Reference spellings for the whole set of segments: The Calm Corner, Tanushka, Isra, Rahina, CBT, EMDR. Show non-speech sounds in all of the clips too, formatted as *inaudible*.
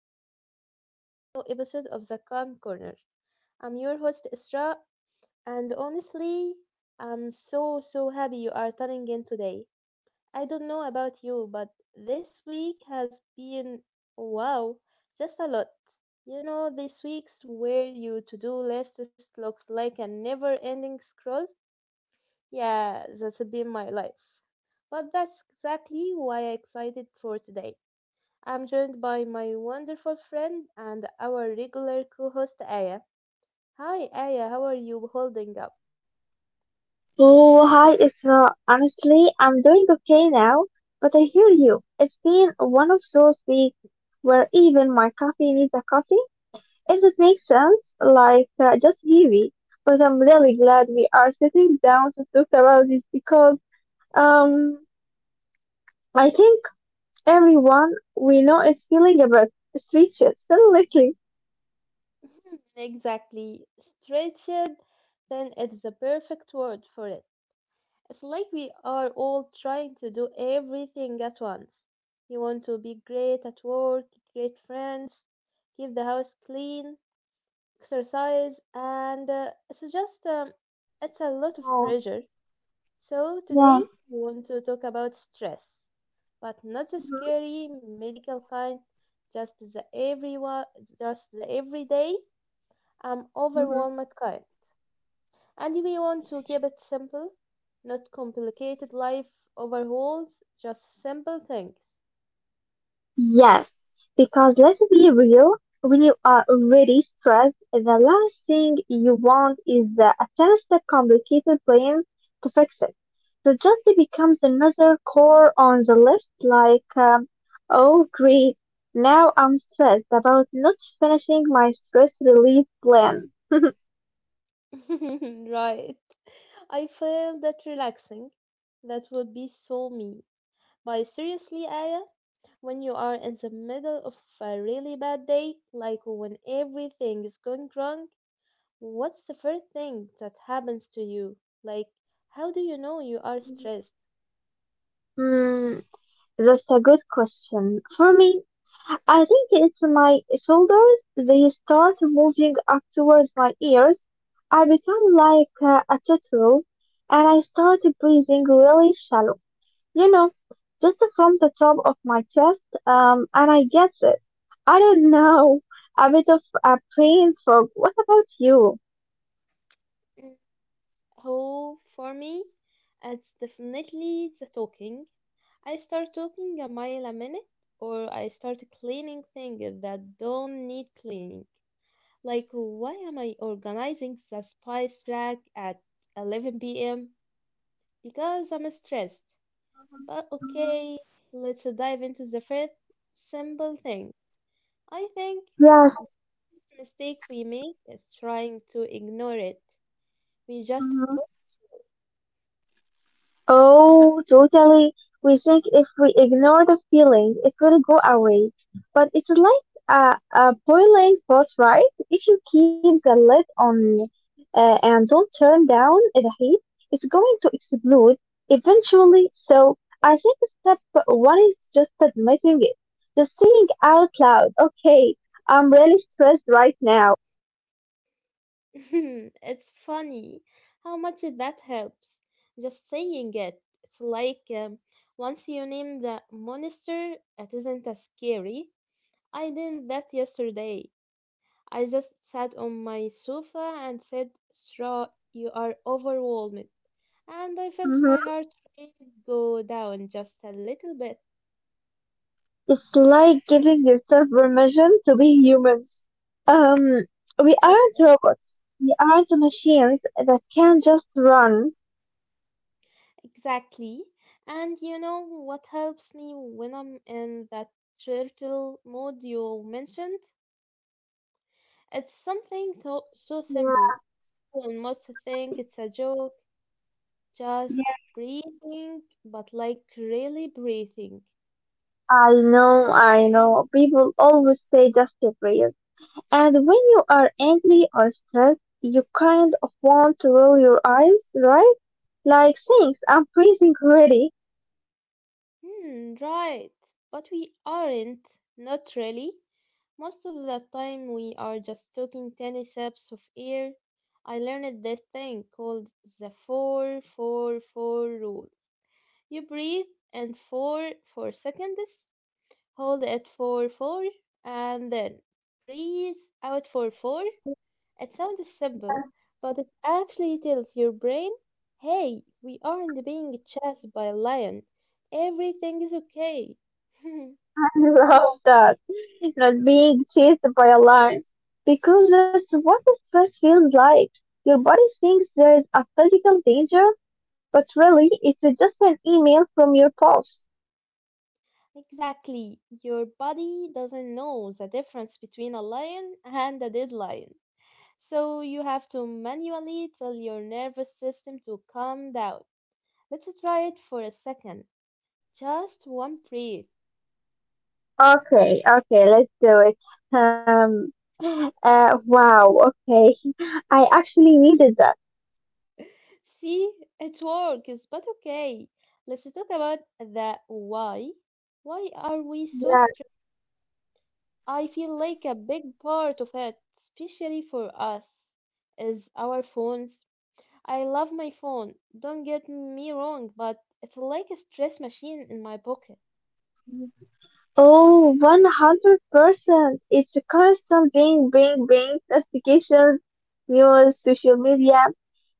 a brand new episode of The Calm Corner. I'm your host Isra, and honestly, I'm so so happy you are tuning in today. I don't know about you, but this week has been wow, just a lot. You know, this week's where your to do list just looks like a never ending scroll. Yeah, that's been my life. But that's exactly why I'm excited for today. I'm joined by my wonderful friend and our regular co host, Aya. Hi, Aya, how are you holding up? Oh, hi Isra. Honestly, I'm doing okay now, but I hear you. It's been one of those weeks where even my coffee needs a coffee, if that makes sense, just heavy. But I'm really glad we are sitting down to talk about this because, um, I think everyone we know is feeling a bit stretched, so lately. Hmm, exactly. Stretched, then it's the perfect word for it. It's like we are all trying to do everything at once. You want to be great at work, great friends, keep the house clean, exercise, and it's a lot of Oh, pressure. So today yeah. we want to talk about stress, but not the Mm-hmm. scary medical kind, just the everyone, just the everyday, I'm overwhelmed kind. And we want to keep it simple, not complicated life overhauls, just simple things. Yes, because let's be real, when you are really stressed, the last thing you want is the attached complicated plan to fix it. So just it becomes another core on the list. Like, oh great, now I'm stressed about not finishing my stress relief plan. *laughs* *laughs* Right. I feel that relaxing. That would be so me. But seriously, Aya, when you are in the middle of a really bad day, like when everything is going wrong, what's the first thing that happens to you? Like, how do you know you are stressed? Hmm, that's a good question. For me, I think it's my shoulders. They start moving up towards my ears. I become like a turtle and I start breathing really shallow, you know, just from the top of my chest. And I get this. I don't know, a bit of a brain fog. What about you? Mm, oh, for me, it's definitely the talking. I start talking a mile a minute, or I start cleaning things that don't need cleaning. Like, why am I organizing the spice rack at 11 p.m.? Because I'm stressed. But Mhm. okay, let's dive into the first simple thing. I think mistake we make is trying to ignore it. We just Yes. put, Oh, totally. We think if we ignore the feeling, it will go away. But it's like a boiling pot, right? If you keep the lid on and don't turn down the heat, it's going to explode eventually. So I think step one is just admitting it, just saying out loud, okay, I'm really stressed right now. *laughs* it's funny how much that helps. Just saying it. It's like once you name the monster, it isn't as scary. I did that yesterday. I just sat on my sofa and said, Straw, you are overwhelmed. And I felt my Hmm. heart rate go down just a little bit. It's like giving yourself permission to be humans. Um, we aren't *laughs* robots. We aren't machines that can just run. Exactly. And you know what helps me when I'm in that turtle mode you mentioned? It's something so, so Yeah. simple. One must Mm-hmm. think it's a joke, just Yeah. breathing, but like really breathing. I know. I know. People always say just get real. And when you are angry or stressed, you kind of want to roll your eyes, right? Like, thanks. I'm freezing already. Hmm, right. But we aren't, not really. Most of the time we are just taking tiny sips of air. I learned that thing called the 444 rule. You breathe in for 4 seconds, hold it for 4, and then breathe out for 4. It sounds Yeah. simple, but it actually tells your brain, hey, we aren't being chased by a lion. Everything is okay. *laughs* *laughs* I love that. Not being chased by a lion. Because that's what the stress feels like. Your body thinks there is a physical danger, but really it's just an email from your boss. Exactly. Your body doesn't know the difference between a lion and a dead lion. So you have to manually tell your nervous system to calm down. Let's try it for a second. Just one breath. Okay, okay, let's do it. Um, *gasps* wow, okay. *laughs* I actually needed that. See, it works, but okay. Let's talk about the why. Why are we so Yeah. stressed? I feel like a big part of it, especially for us, is our phones. I love my phone, don't get me wrong, but it's like a stress machine in my pocket. Oh, 100%. It's a constant bing, bing, bing, notifications, news, social media.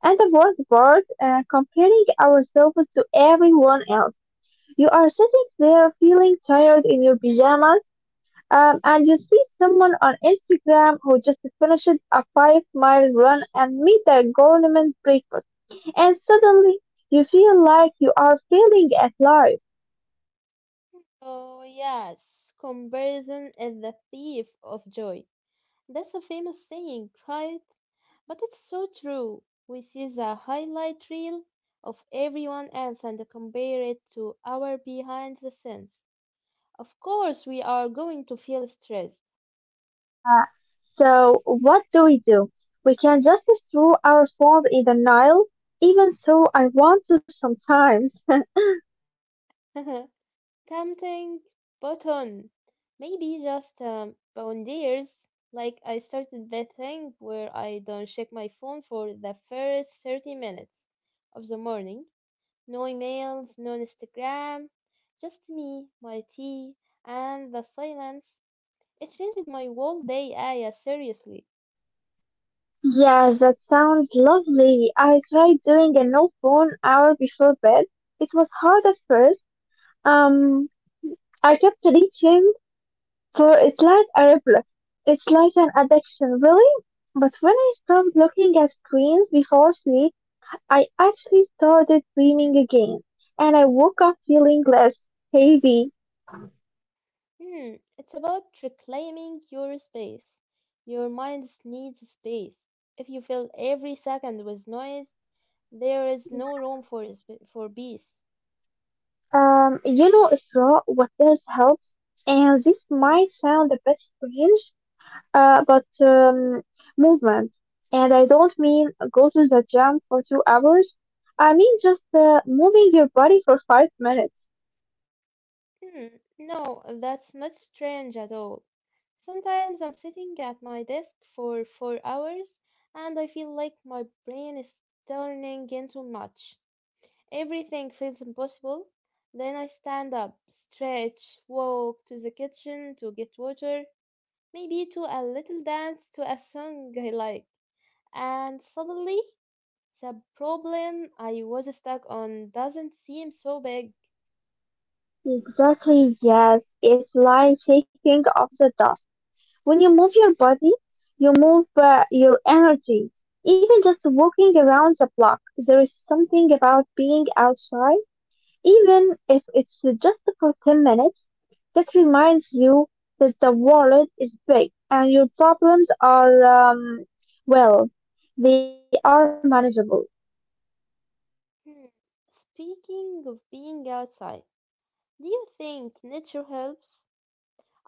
And the worst part, comparing ourselves to everyone else. You are sitting there feeling tired in your pajamas, and you see someone on Instagram who just finished a 5 mile run and meet a government breakfast. And suddenly, you feel like you are failing at life. So, yes, comparison is the thief of joy. That's a famous saying, right? But it's so true. We see the highlight reel of everyone else and compare it to our behind the scenes. Of course, we are going to feel stressed. So, what do? We can just throw our phones in the Nile, even so, I want to sometimes. *laughs* *laughs* Tempting, but on. Maybe just boundaries. Like I started that thing where I don't check my phone for the first 30 minutes of the morning. No emails, no Instagram, just me, my tea, and the silence. It changed my whole day, Aya, seriously. Yes, that sounds lovely. I tried doing a no phone hour before bed. It was hard at first. Um, I kept reaching for it like a reflex. It's like an addiction, really. But when I stopped looking at screens before sleep, I actually started dreaming again, and I woke up feeling less heavy. Hmm, it's about reclaiming your space. Your mind needs space. If you fill every second with noise, there is no Yeah. room for peace. Yellow is raw, what else helps? And this Hmm, might sound a bit strange, but movement. And I don't mean go to the gym for 2 hours. I mean just moving your body for 5 minutes. hmm, no, that's not strange at all. Sometimes I'm sitting at my desk for 4 hours and I feel like my brain is turning into mush. Everything feels impossible. Then I stand up, stretch, walk to the kitchen to get water, maybe to a little dance to a song I like. And suddenly, the problem I was stuck on doesn't seem so big. Exactly, yes. It's like shaking off the dust. When you move your body, you move your energy. Even just walking around the block, there is something about being outside. Even if it's just for 10 minutes, that reminds you that the world is big and your problems are, well, they are manageable. Hmm. Speaking of being outside, do you think nature helps?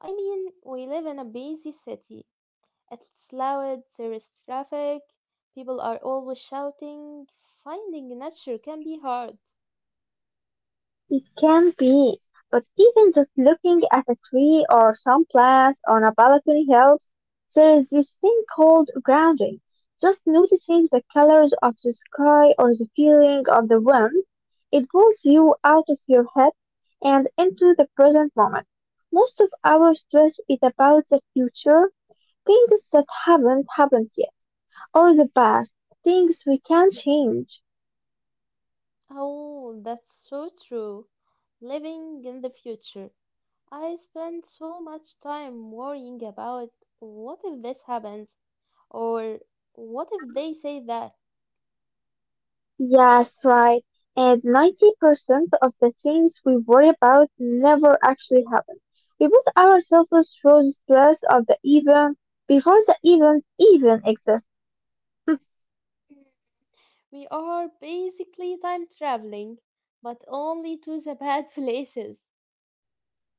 I mean, we live in a busy city. It's loud, there is traffic, people are always shouting. Finding nature can be hard. It can be, but even just looking at a tree or some plants on a balcony helps. There is this thing called grounding. Just noticing the colors of the sky or the feeling of the wind, it pulls you out of your head and into the present moment. Most of our stress is about the future, things that haven't happened yet, or the past, things we can't change. Oh, that's so true. Living in the future. I spend so much time worrying about what if this happens or what Mm-hmm. if they say that. Yes, right. And 90% of the things we worry about never actually happen. We put ourselves through the stress of the event before the event even exists. We are basically time traveling, but only to the *laughs* bad places.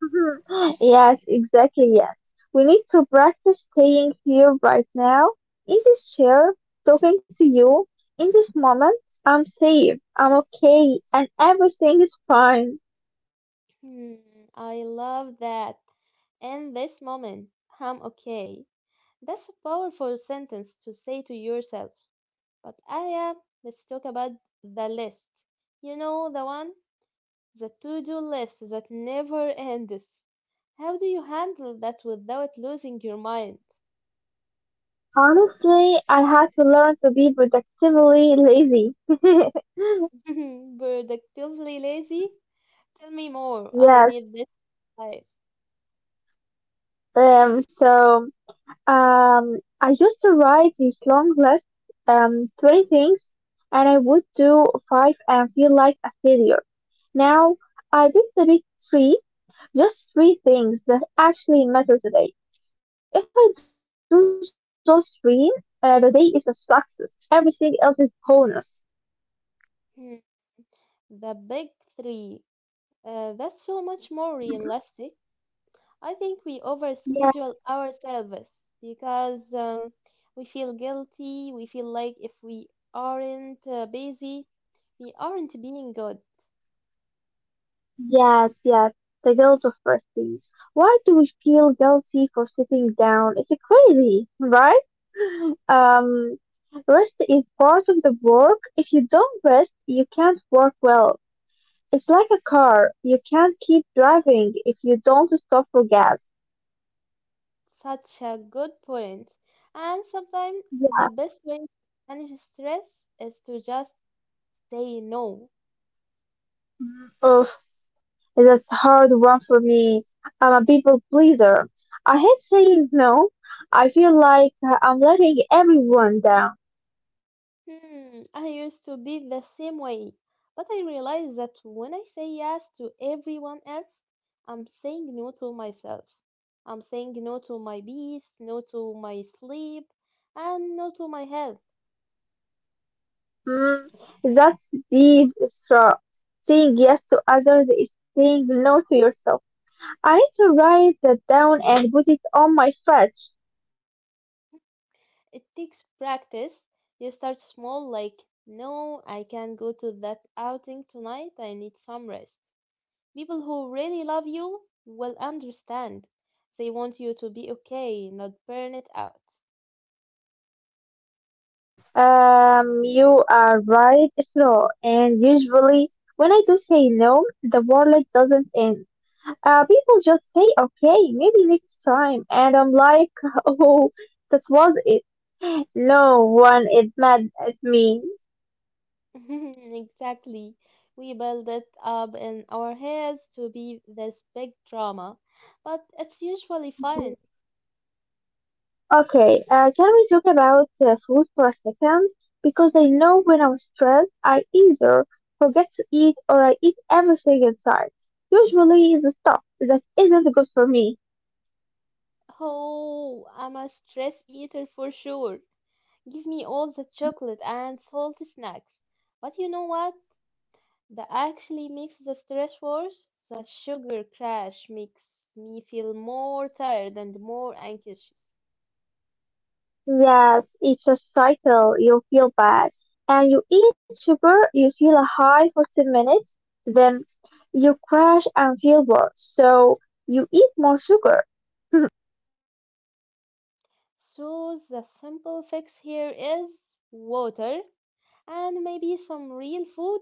*laughs* Yes, exactly, yes. We need to practice staying here right now, in this chair, talking to you. In this moment, I'm safe, I'm okay, and everything is fine. Hmm, I love that. In this moment, I'm okay. That's a powerful sentence to say to yourself. But Aya, let's talk about the list. You know, the one, the to-do list that never ends. How do you handle that without losing your mind? Honestly, I had to learn to be productively lazy. *laughs* *laughs* Productively lazy? Tell me more. I Yes. need this life. So I used to write these long lists, 20 things, and I would do five and feel like a failure. Now I pick the big three, just three things that actually matter today. If I do those three, the day is a success. Everything else is bonus. Hmm. The big three. That's so much more Mm-hmm. realistic. I think we overschedule ourselves because we feel guilty. We feel like if we aren't busy, we aren't being good. Yes, yes, the guilt of prestige. Why do we feel guilty for sitting down? It's crazy, right? Um, Rest is part of the work. If you don't rest, you can't work well. It's like a car. You can't keep driving if you don't stop for gas. Such a good point. And sometimes the Yeah. best way to manage stress is to just say no. Mm. Oof, that's a hard one for me. I'm a people pleaser. I hate saying no. I feel like I'm letting everyone down. Hmm, I used to be the same way, but I realized that when I say yes to everyone else, I'm saying no to myself. I'm saying no to my peace, no to my sleep, and no to my health. Mm, that's deep, Isra. Saying yes to others is saying no to yourself. I need to write that down and put it on my fridge. It takes practice. You start small, like, no, I can't go to that outing tonight, I need some rest. People who really love you will understand. They want you to be okay, not burn it out. You are right, Isra. And usually, when I do say no, the world doesn't end. People just say, okay, maybe next time. And I'm like, *laughs* oh, that was it. No one is mad at me. *laughs* Exactly. We build it up in our heads to be this big drama, but it's usually fun. Okay, can we talk about food for a second? Because I know when I'm stressed, I either forget to eat or I eat everything in sight. Usually, it's the stuff that isn't good for me. Oh, I'm a stress eater for sure. Give me all the chocolate Hmm. and salty snacks. But you know what? That actually makes the stress worse. The sugar crash makes me feel more tired and more anxious. Yes, it's a cycle. You feel bad, and you eat sugar. You feel a high for 10 minutes, then you crash and feel worse. So you eat more sugar. *laughs* So the simple fix here is water and maybe some real food.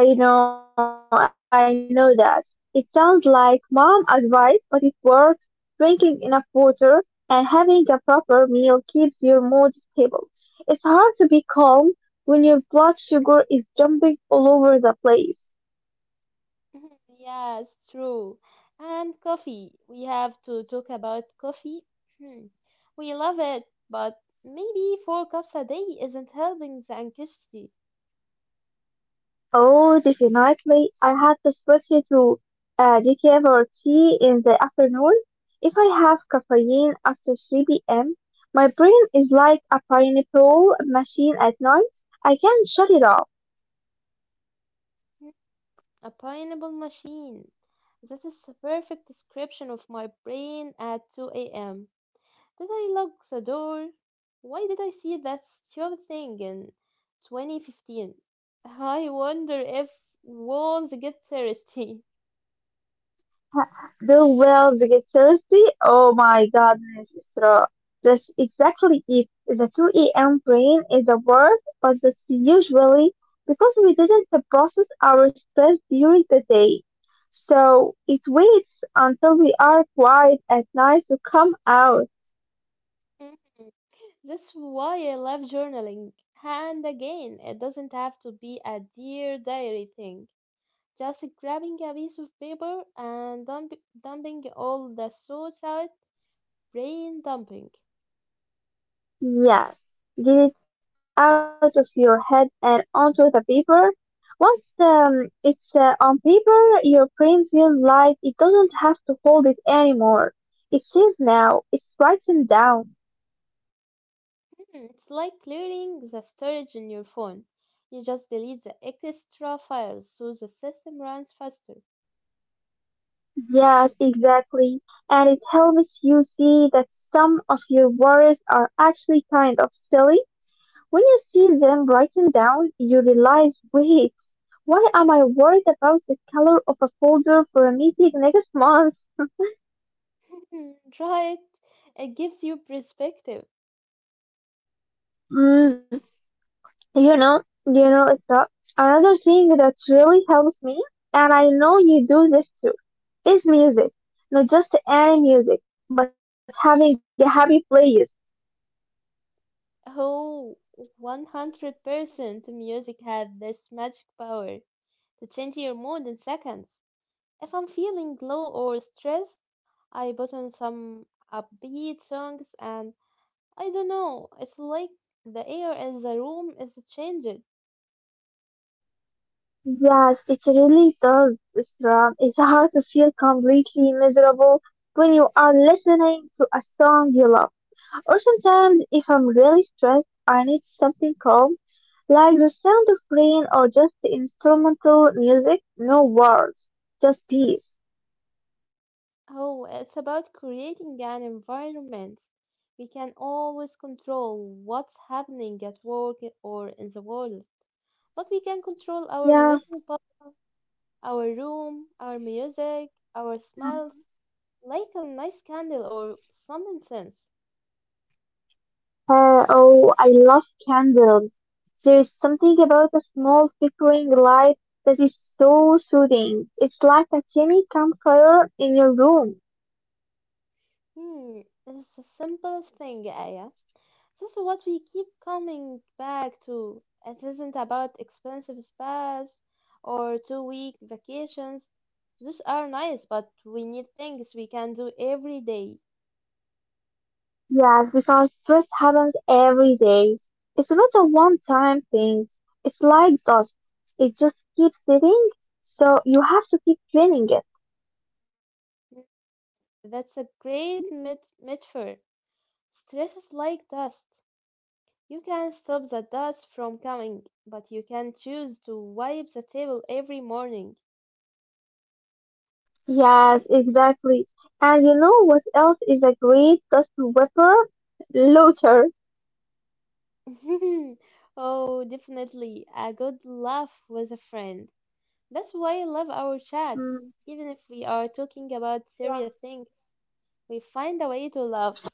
I know that. It sounds like mom advice, but it works. Drinking enough water and having a proper meal keeps your mood stable. It's hard to be calm when your blood sugar is jumping all over the place. *laughs* Yes, true. And coffee. We have to talk about coffee. Hmm. We love it, but maybe four cups a day isn't helping the anxiety. Oh, definitely. I had to switch it to decaf or tea in the afternoon. If I have caffeine after 3 p.m., my brain is like a pineapple machine at night. I can't shut it off. A pineapple machine. That is the perfect description of my brain at 2 a.m. Did I lock the door? Why did I see that stupid thing in 2015? I wonder if And walls get thirsty. *laughs* ha- do well vigorously. Oh my goodness, Isra. That's exactly it. The 2 a.m. brain is the worst, but that's usually because we didn't process our stress during the day. So it waits until we are quiet at night to come out. Mhm. That's why I love journaling. And again, it doesn't have to be a dear diary thing. Just grabbing a piece of paper and dumping all the thoughts out, brain dumping. Yes, get it out of your head and onto the paper. Once it's on paper, your brain feels like it doesn't have to hold it anymore. It's safe now, it's written down. Hmm, it's like clearing the storage in your phone. You just delete the extra files so the system runs faster. Yes, exactly. And it helps you see that some of your worries are actually kind of silly. When you see them written down, you realize wait, why am I worried about the color of a folder for a meeting next month? Hmm, right. It gives you perspective. *laughs* You know, it's a- another thing that really helps me, and I know you do this too, is music. Not just any music, but having a happy playlist. Oh, 100% music had this magic power to change your mood in seconds. If I'm feeling low or stressed, I put on some upbeat songs and I don't know, it's like the air in the room is changed. Yes, it really does. It's hard to feel completely miserable when you are listening to a song you love. Or sometimes, if I'm really stressed, I need something calm, like the sound of rain or just instrumental music, no words, just peace. Oh, it's about creating an environment. We can always control what's happening at work or in the world, but we can control our Yeah. little bubble, our room, our music, our smells, like a nice candle or some incense. Oh, I love candles. There is something about a small flickering light that is so soothing. It's like a tiny campfire in your room. Hmm, it's the simplest thing, Aya. This is what we keep coming back to. It isn't about expensive spas or 2-week vacations. Those are nice, but we need things we can do every day. Yes, because stress happens every day. It's not a one-time thing. It's like dust. It just keeps sitting, so you have to keep cleaning it. That's a great metaphor. Stress is like dust. You can stop the dust from coming, but you can choose to wipe the table every morning. Yes, exactly. And you know what else is a great dust whipper? Looter. *laughs* Oh, definitely. A good laugh with a friend. That's why I love our chats. Even if we are talking about serious things, we find a way to laugh. *clears throat*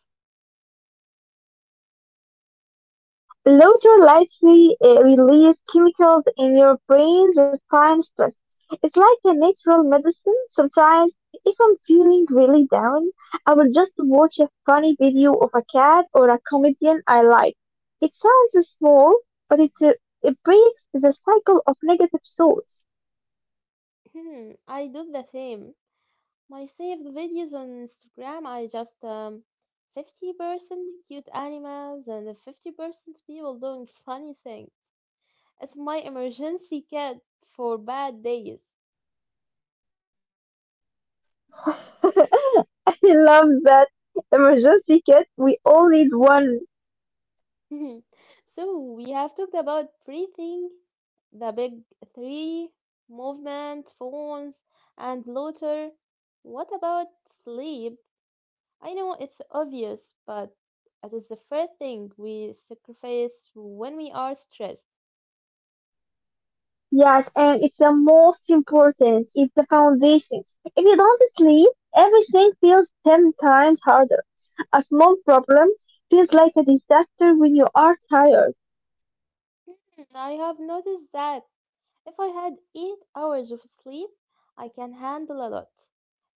Um, Laughter likely releases chemicals in your brain that calm stress. It's like a natural medicine. Sometimes, if I'm feeling really down, I will just watch a funny video of a cat or a comedian I like. It sounds small, but it breaks the cycle of negative thoughts. Hmm, I do the same. My saved videos on Instagram are just 50% cute animals and 50% people doing funny things. It's my emergency kit for bad days. *laughs* I love that emergency kit. We all need one. Mhm. So we have talked about three things, the big three, movement, phones, and water. What about sleep? I know it's obvious, but it is the first thing we sacrifice when we are stressed. Yes, and it's the most important. It's the foundation. If you don't sleep, everything feels 10 times harder. A small problem feels like a disaster when you are tired. Hmm, I have noticed that if I had 8 hours of sleep, I can handle a lot.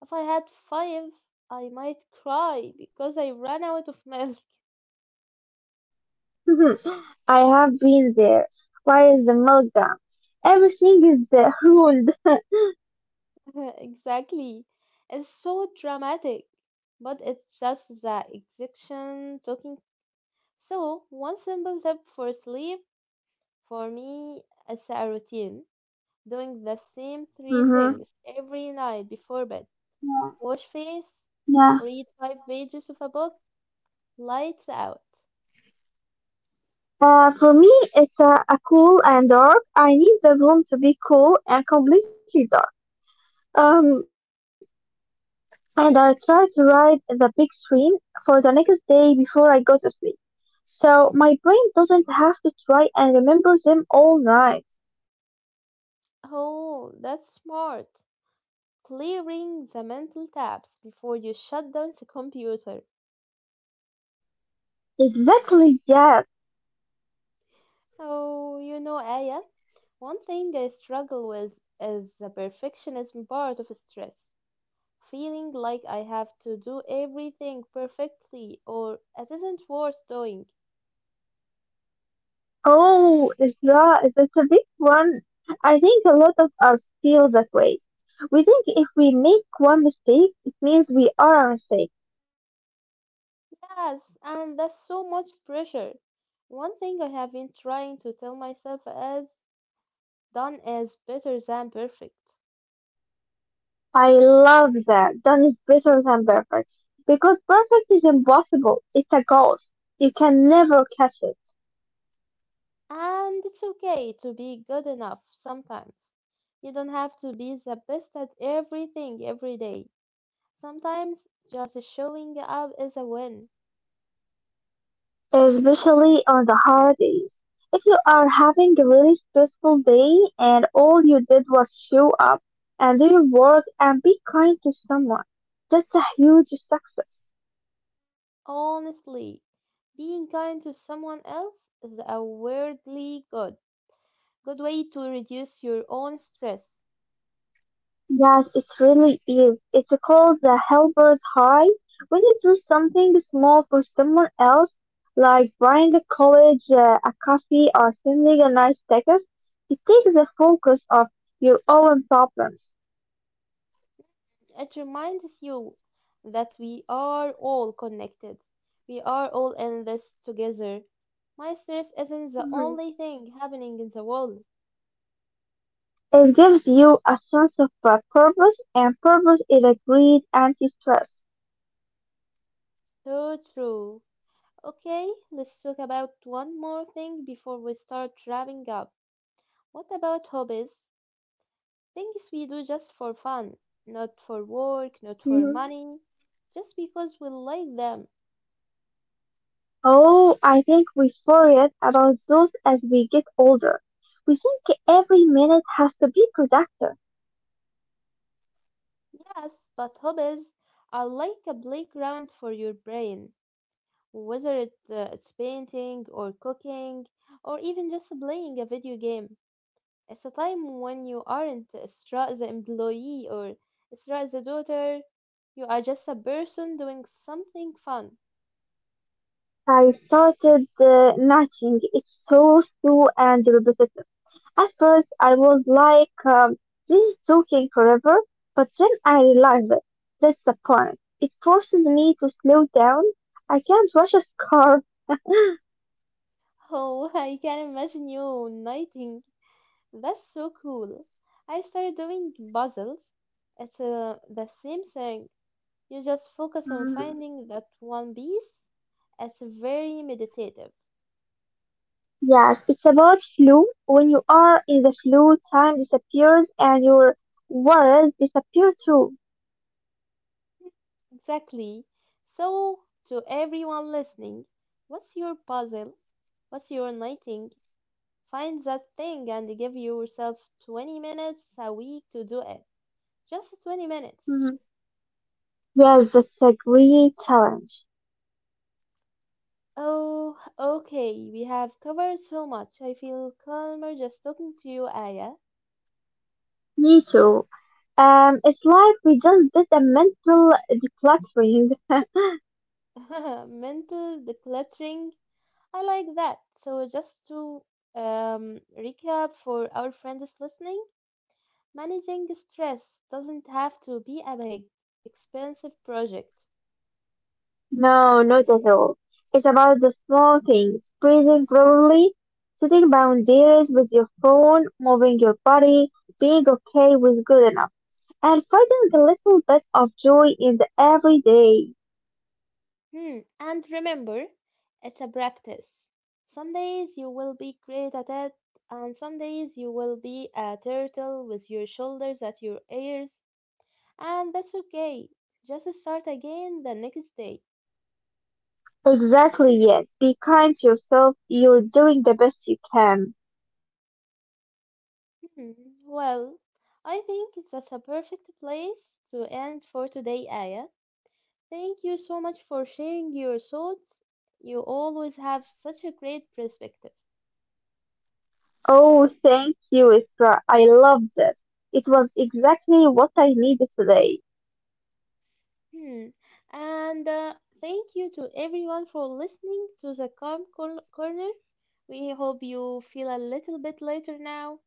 If I had five, I might cry because I ran out of *laughs* milk. Mhm. I have been there. Why is the meltdown? Everything is ruined. *laughs* Exactly. It's so dramatic, but it's just the execution talking. So, one simple tip for sleep for me is a routine, doing the same three Hmm. things every night before bed, Yeah. wash face, Yeah. read five pages of a book, lights out. For me, it's a cool and dark. I need the room to be cool and completely dark. Um, and I tried to write the big dream for the next day before I go to sleep. So my brain doesn't have to try and remember them all night. Oh, that's smart. Clearing the mental tabs before you shut down the computer. Exactly, yes. Oh, you know, Aya, one thing I struggle with is the perfectionism part of stress, feeling like I have to do everything perfectly or it isn't worth doing. Oh, Isra, it's a big one. I think a lot of us feel that way. We think if we make one mistake, it means we are a mistake. Yes, and that's so much pressure. One thing I have been trying to tell myself is done is better than perfect. I love that. Done is better than perfect. Because perfect is impossible. It's a ghost. You can never catch it. And it's okay to be good enough sometimes. You don't have to be the best at everything every day. Sometimes just showing up is a win. Especially on the hard days. If you are having a really stressful day and all you did was show up and do your work and be kind to someone, that's a huge success. Honestly, being kind to someone else is a weirdly good, good way to reduce your own stress. Yes, it really is. It's called the helper's high. When you do something small for someone else, like buying a college a coffee or sending a nice text, it takes the focus off your own problems. It reminds you that we are all connected. We are all in this together. My stress isn't the only thing happening in the world. It gives you a sense of purpose, and purpose is a great anti-stress. So true. Okay, let's talk about one more thing before we start wrapping up. What about hobbies? Things we do just for fun, not for work, not for Hmm. money, just because we like them. Oh, I think we forget about those as we get older. We think every minute has to be productive. Yes, but hobbies are like a playground for your brain. Whether it's painting or cooking or even just playing a video game, it's a time when you aren't Isra the employee or Isra the daughter. You are just a person doing something fun. I started nudging. It's so slow and repetitive. At first, I was like, this is talking forever, but then I realized it. That's the point. It forces me to slow down. I can't rush a scarf. Oh, *laughs* I can imagine you knitting. That's so cool. I started doing puzzles. It's the same thing. You just focus on finding that one piece. It's very meditative. Yes, it's about flu. When you are in the flu, time disappears and your worries disappear too. Exactly. So, to everyone listening, what's your puzzle? What's your knitting? Find that thing and give yourself 20 minutes a week to do it. Just 20 minutes. Mhm. Yes, that's a great challenge. Oh, okay. We have covered so much. I feel calmer just talking to you, Aya. Me too. It's like we just did a mental decluttering. *laughs* Mental decluttering. I like that. So, just to recap for our friends listening, managing stress doesn't have to be a big, expensive project. No, not at all. It's about the small things. Breathing properly, setting boundaries with your phone, moving your body, being okay with good enough, and finding a little bit of joy in the everyday. Hmm. And remember, it's a practice. Some days you will be great at it, and some days you will be a turtle with your shoulders at your ears, and that's okay. Just start again the next day. Exactly, yes. Be kind to yourself. You're doing the best you can. Hmm, well, I think that's a perfect place to end for today, Aya. Thank you so much for sharing your thoughts. You always have such a great perspective. Oh, thank you, Isra. I love this. It was exactly what I needed today. Hmm. And thank you to everyone for listening to the Calm Corner. We hope you feel a little bit lighter now.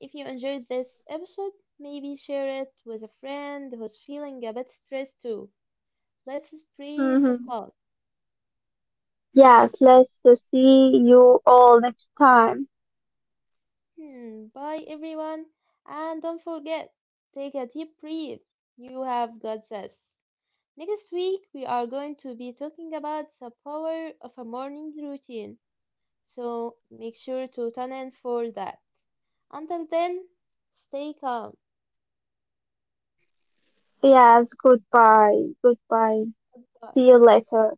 If you enjoyed this episode, maybe share it with a friend who's feeling a bit stressed too. Let's spread the Mm-hmm. calm. Yes, let's see you all next time. Hmm, bye everyone. And don't forget, take a deep breath. You have got this. Next week, we are going to be talking about the power of a morning routine. So make sure to tune in for that. Until then, stay calm. Yes, goodbye. Goodbye. See Bye. you later.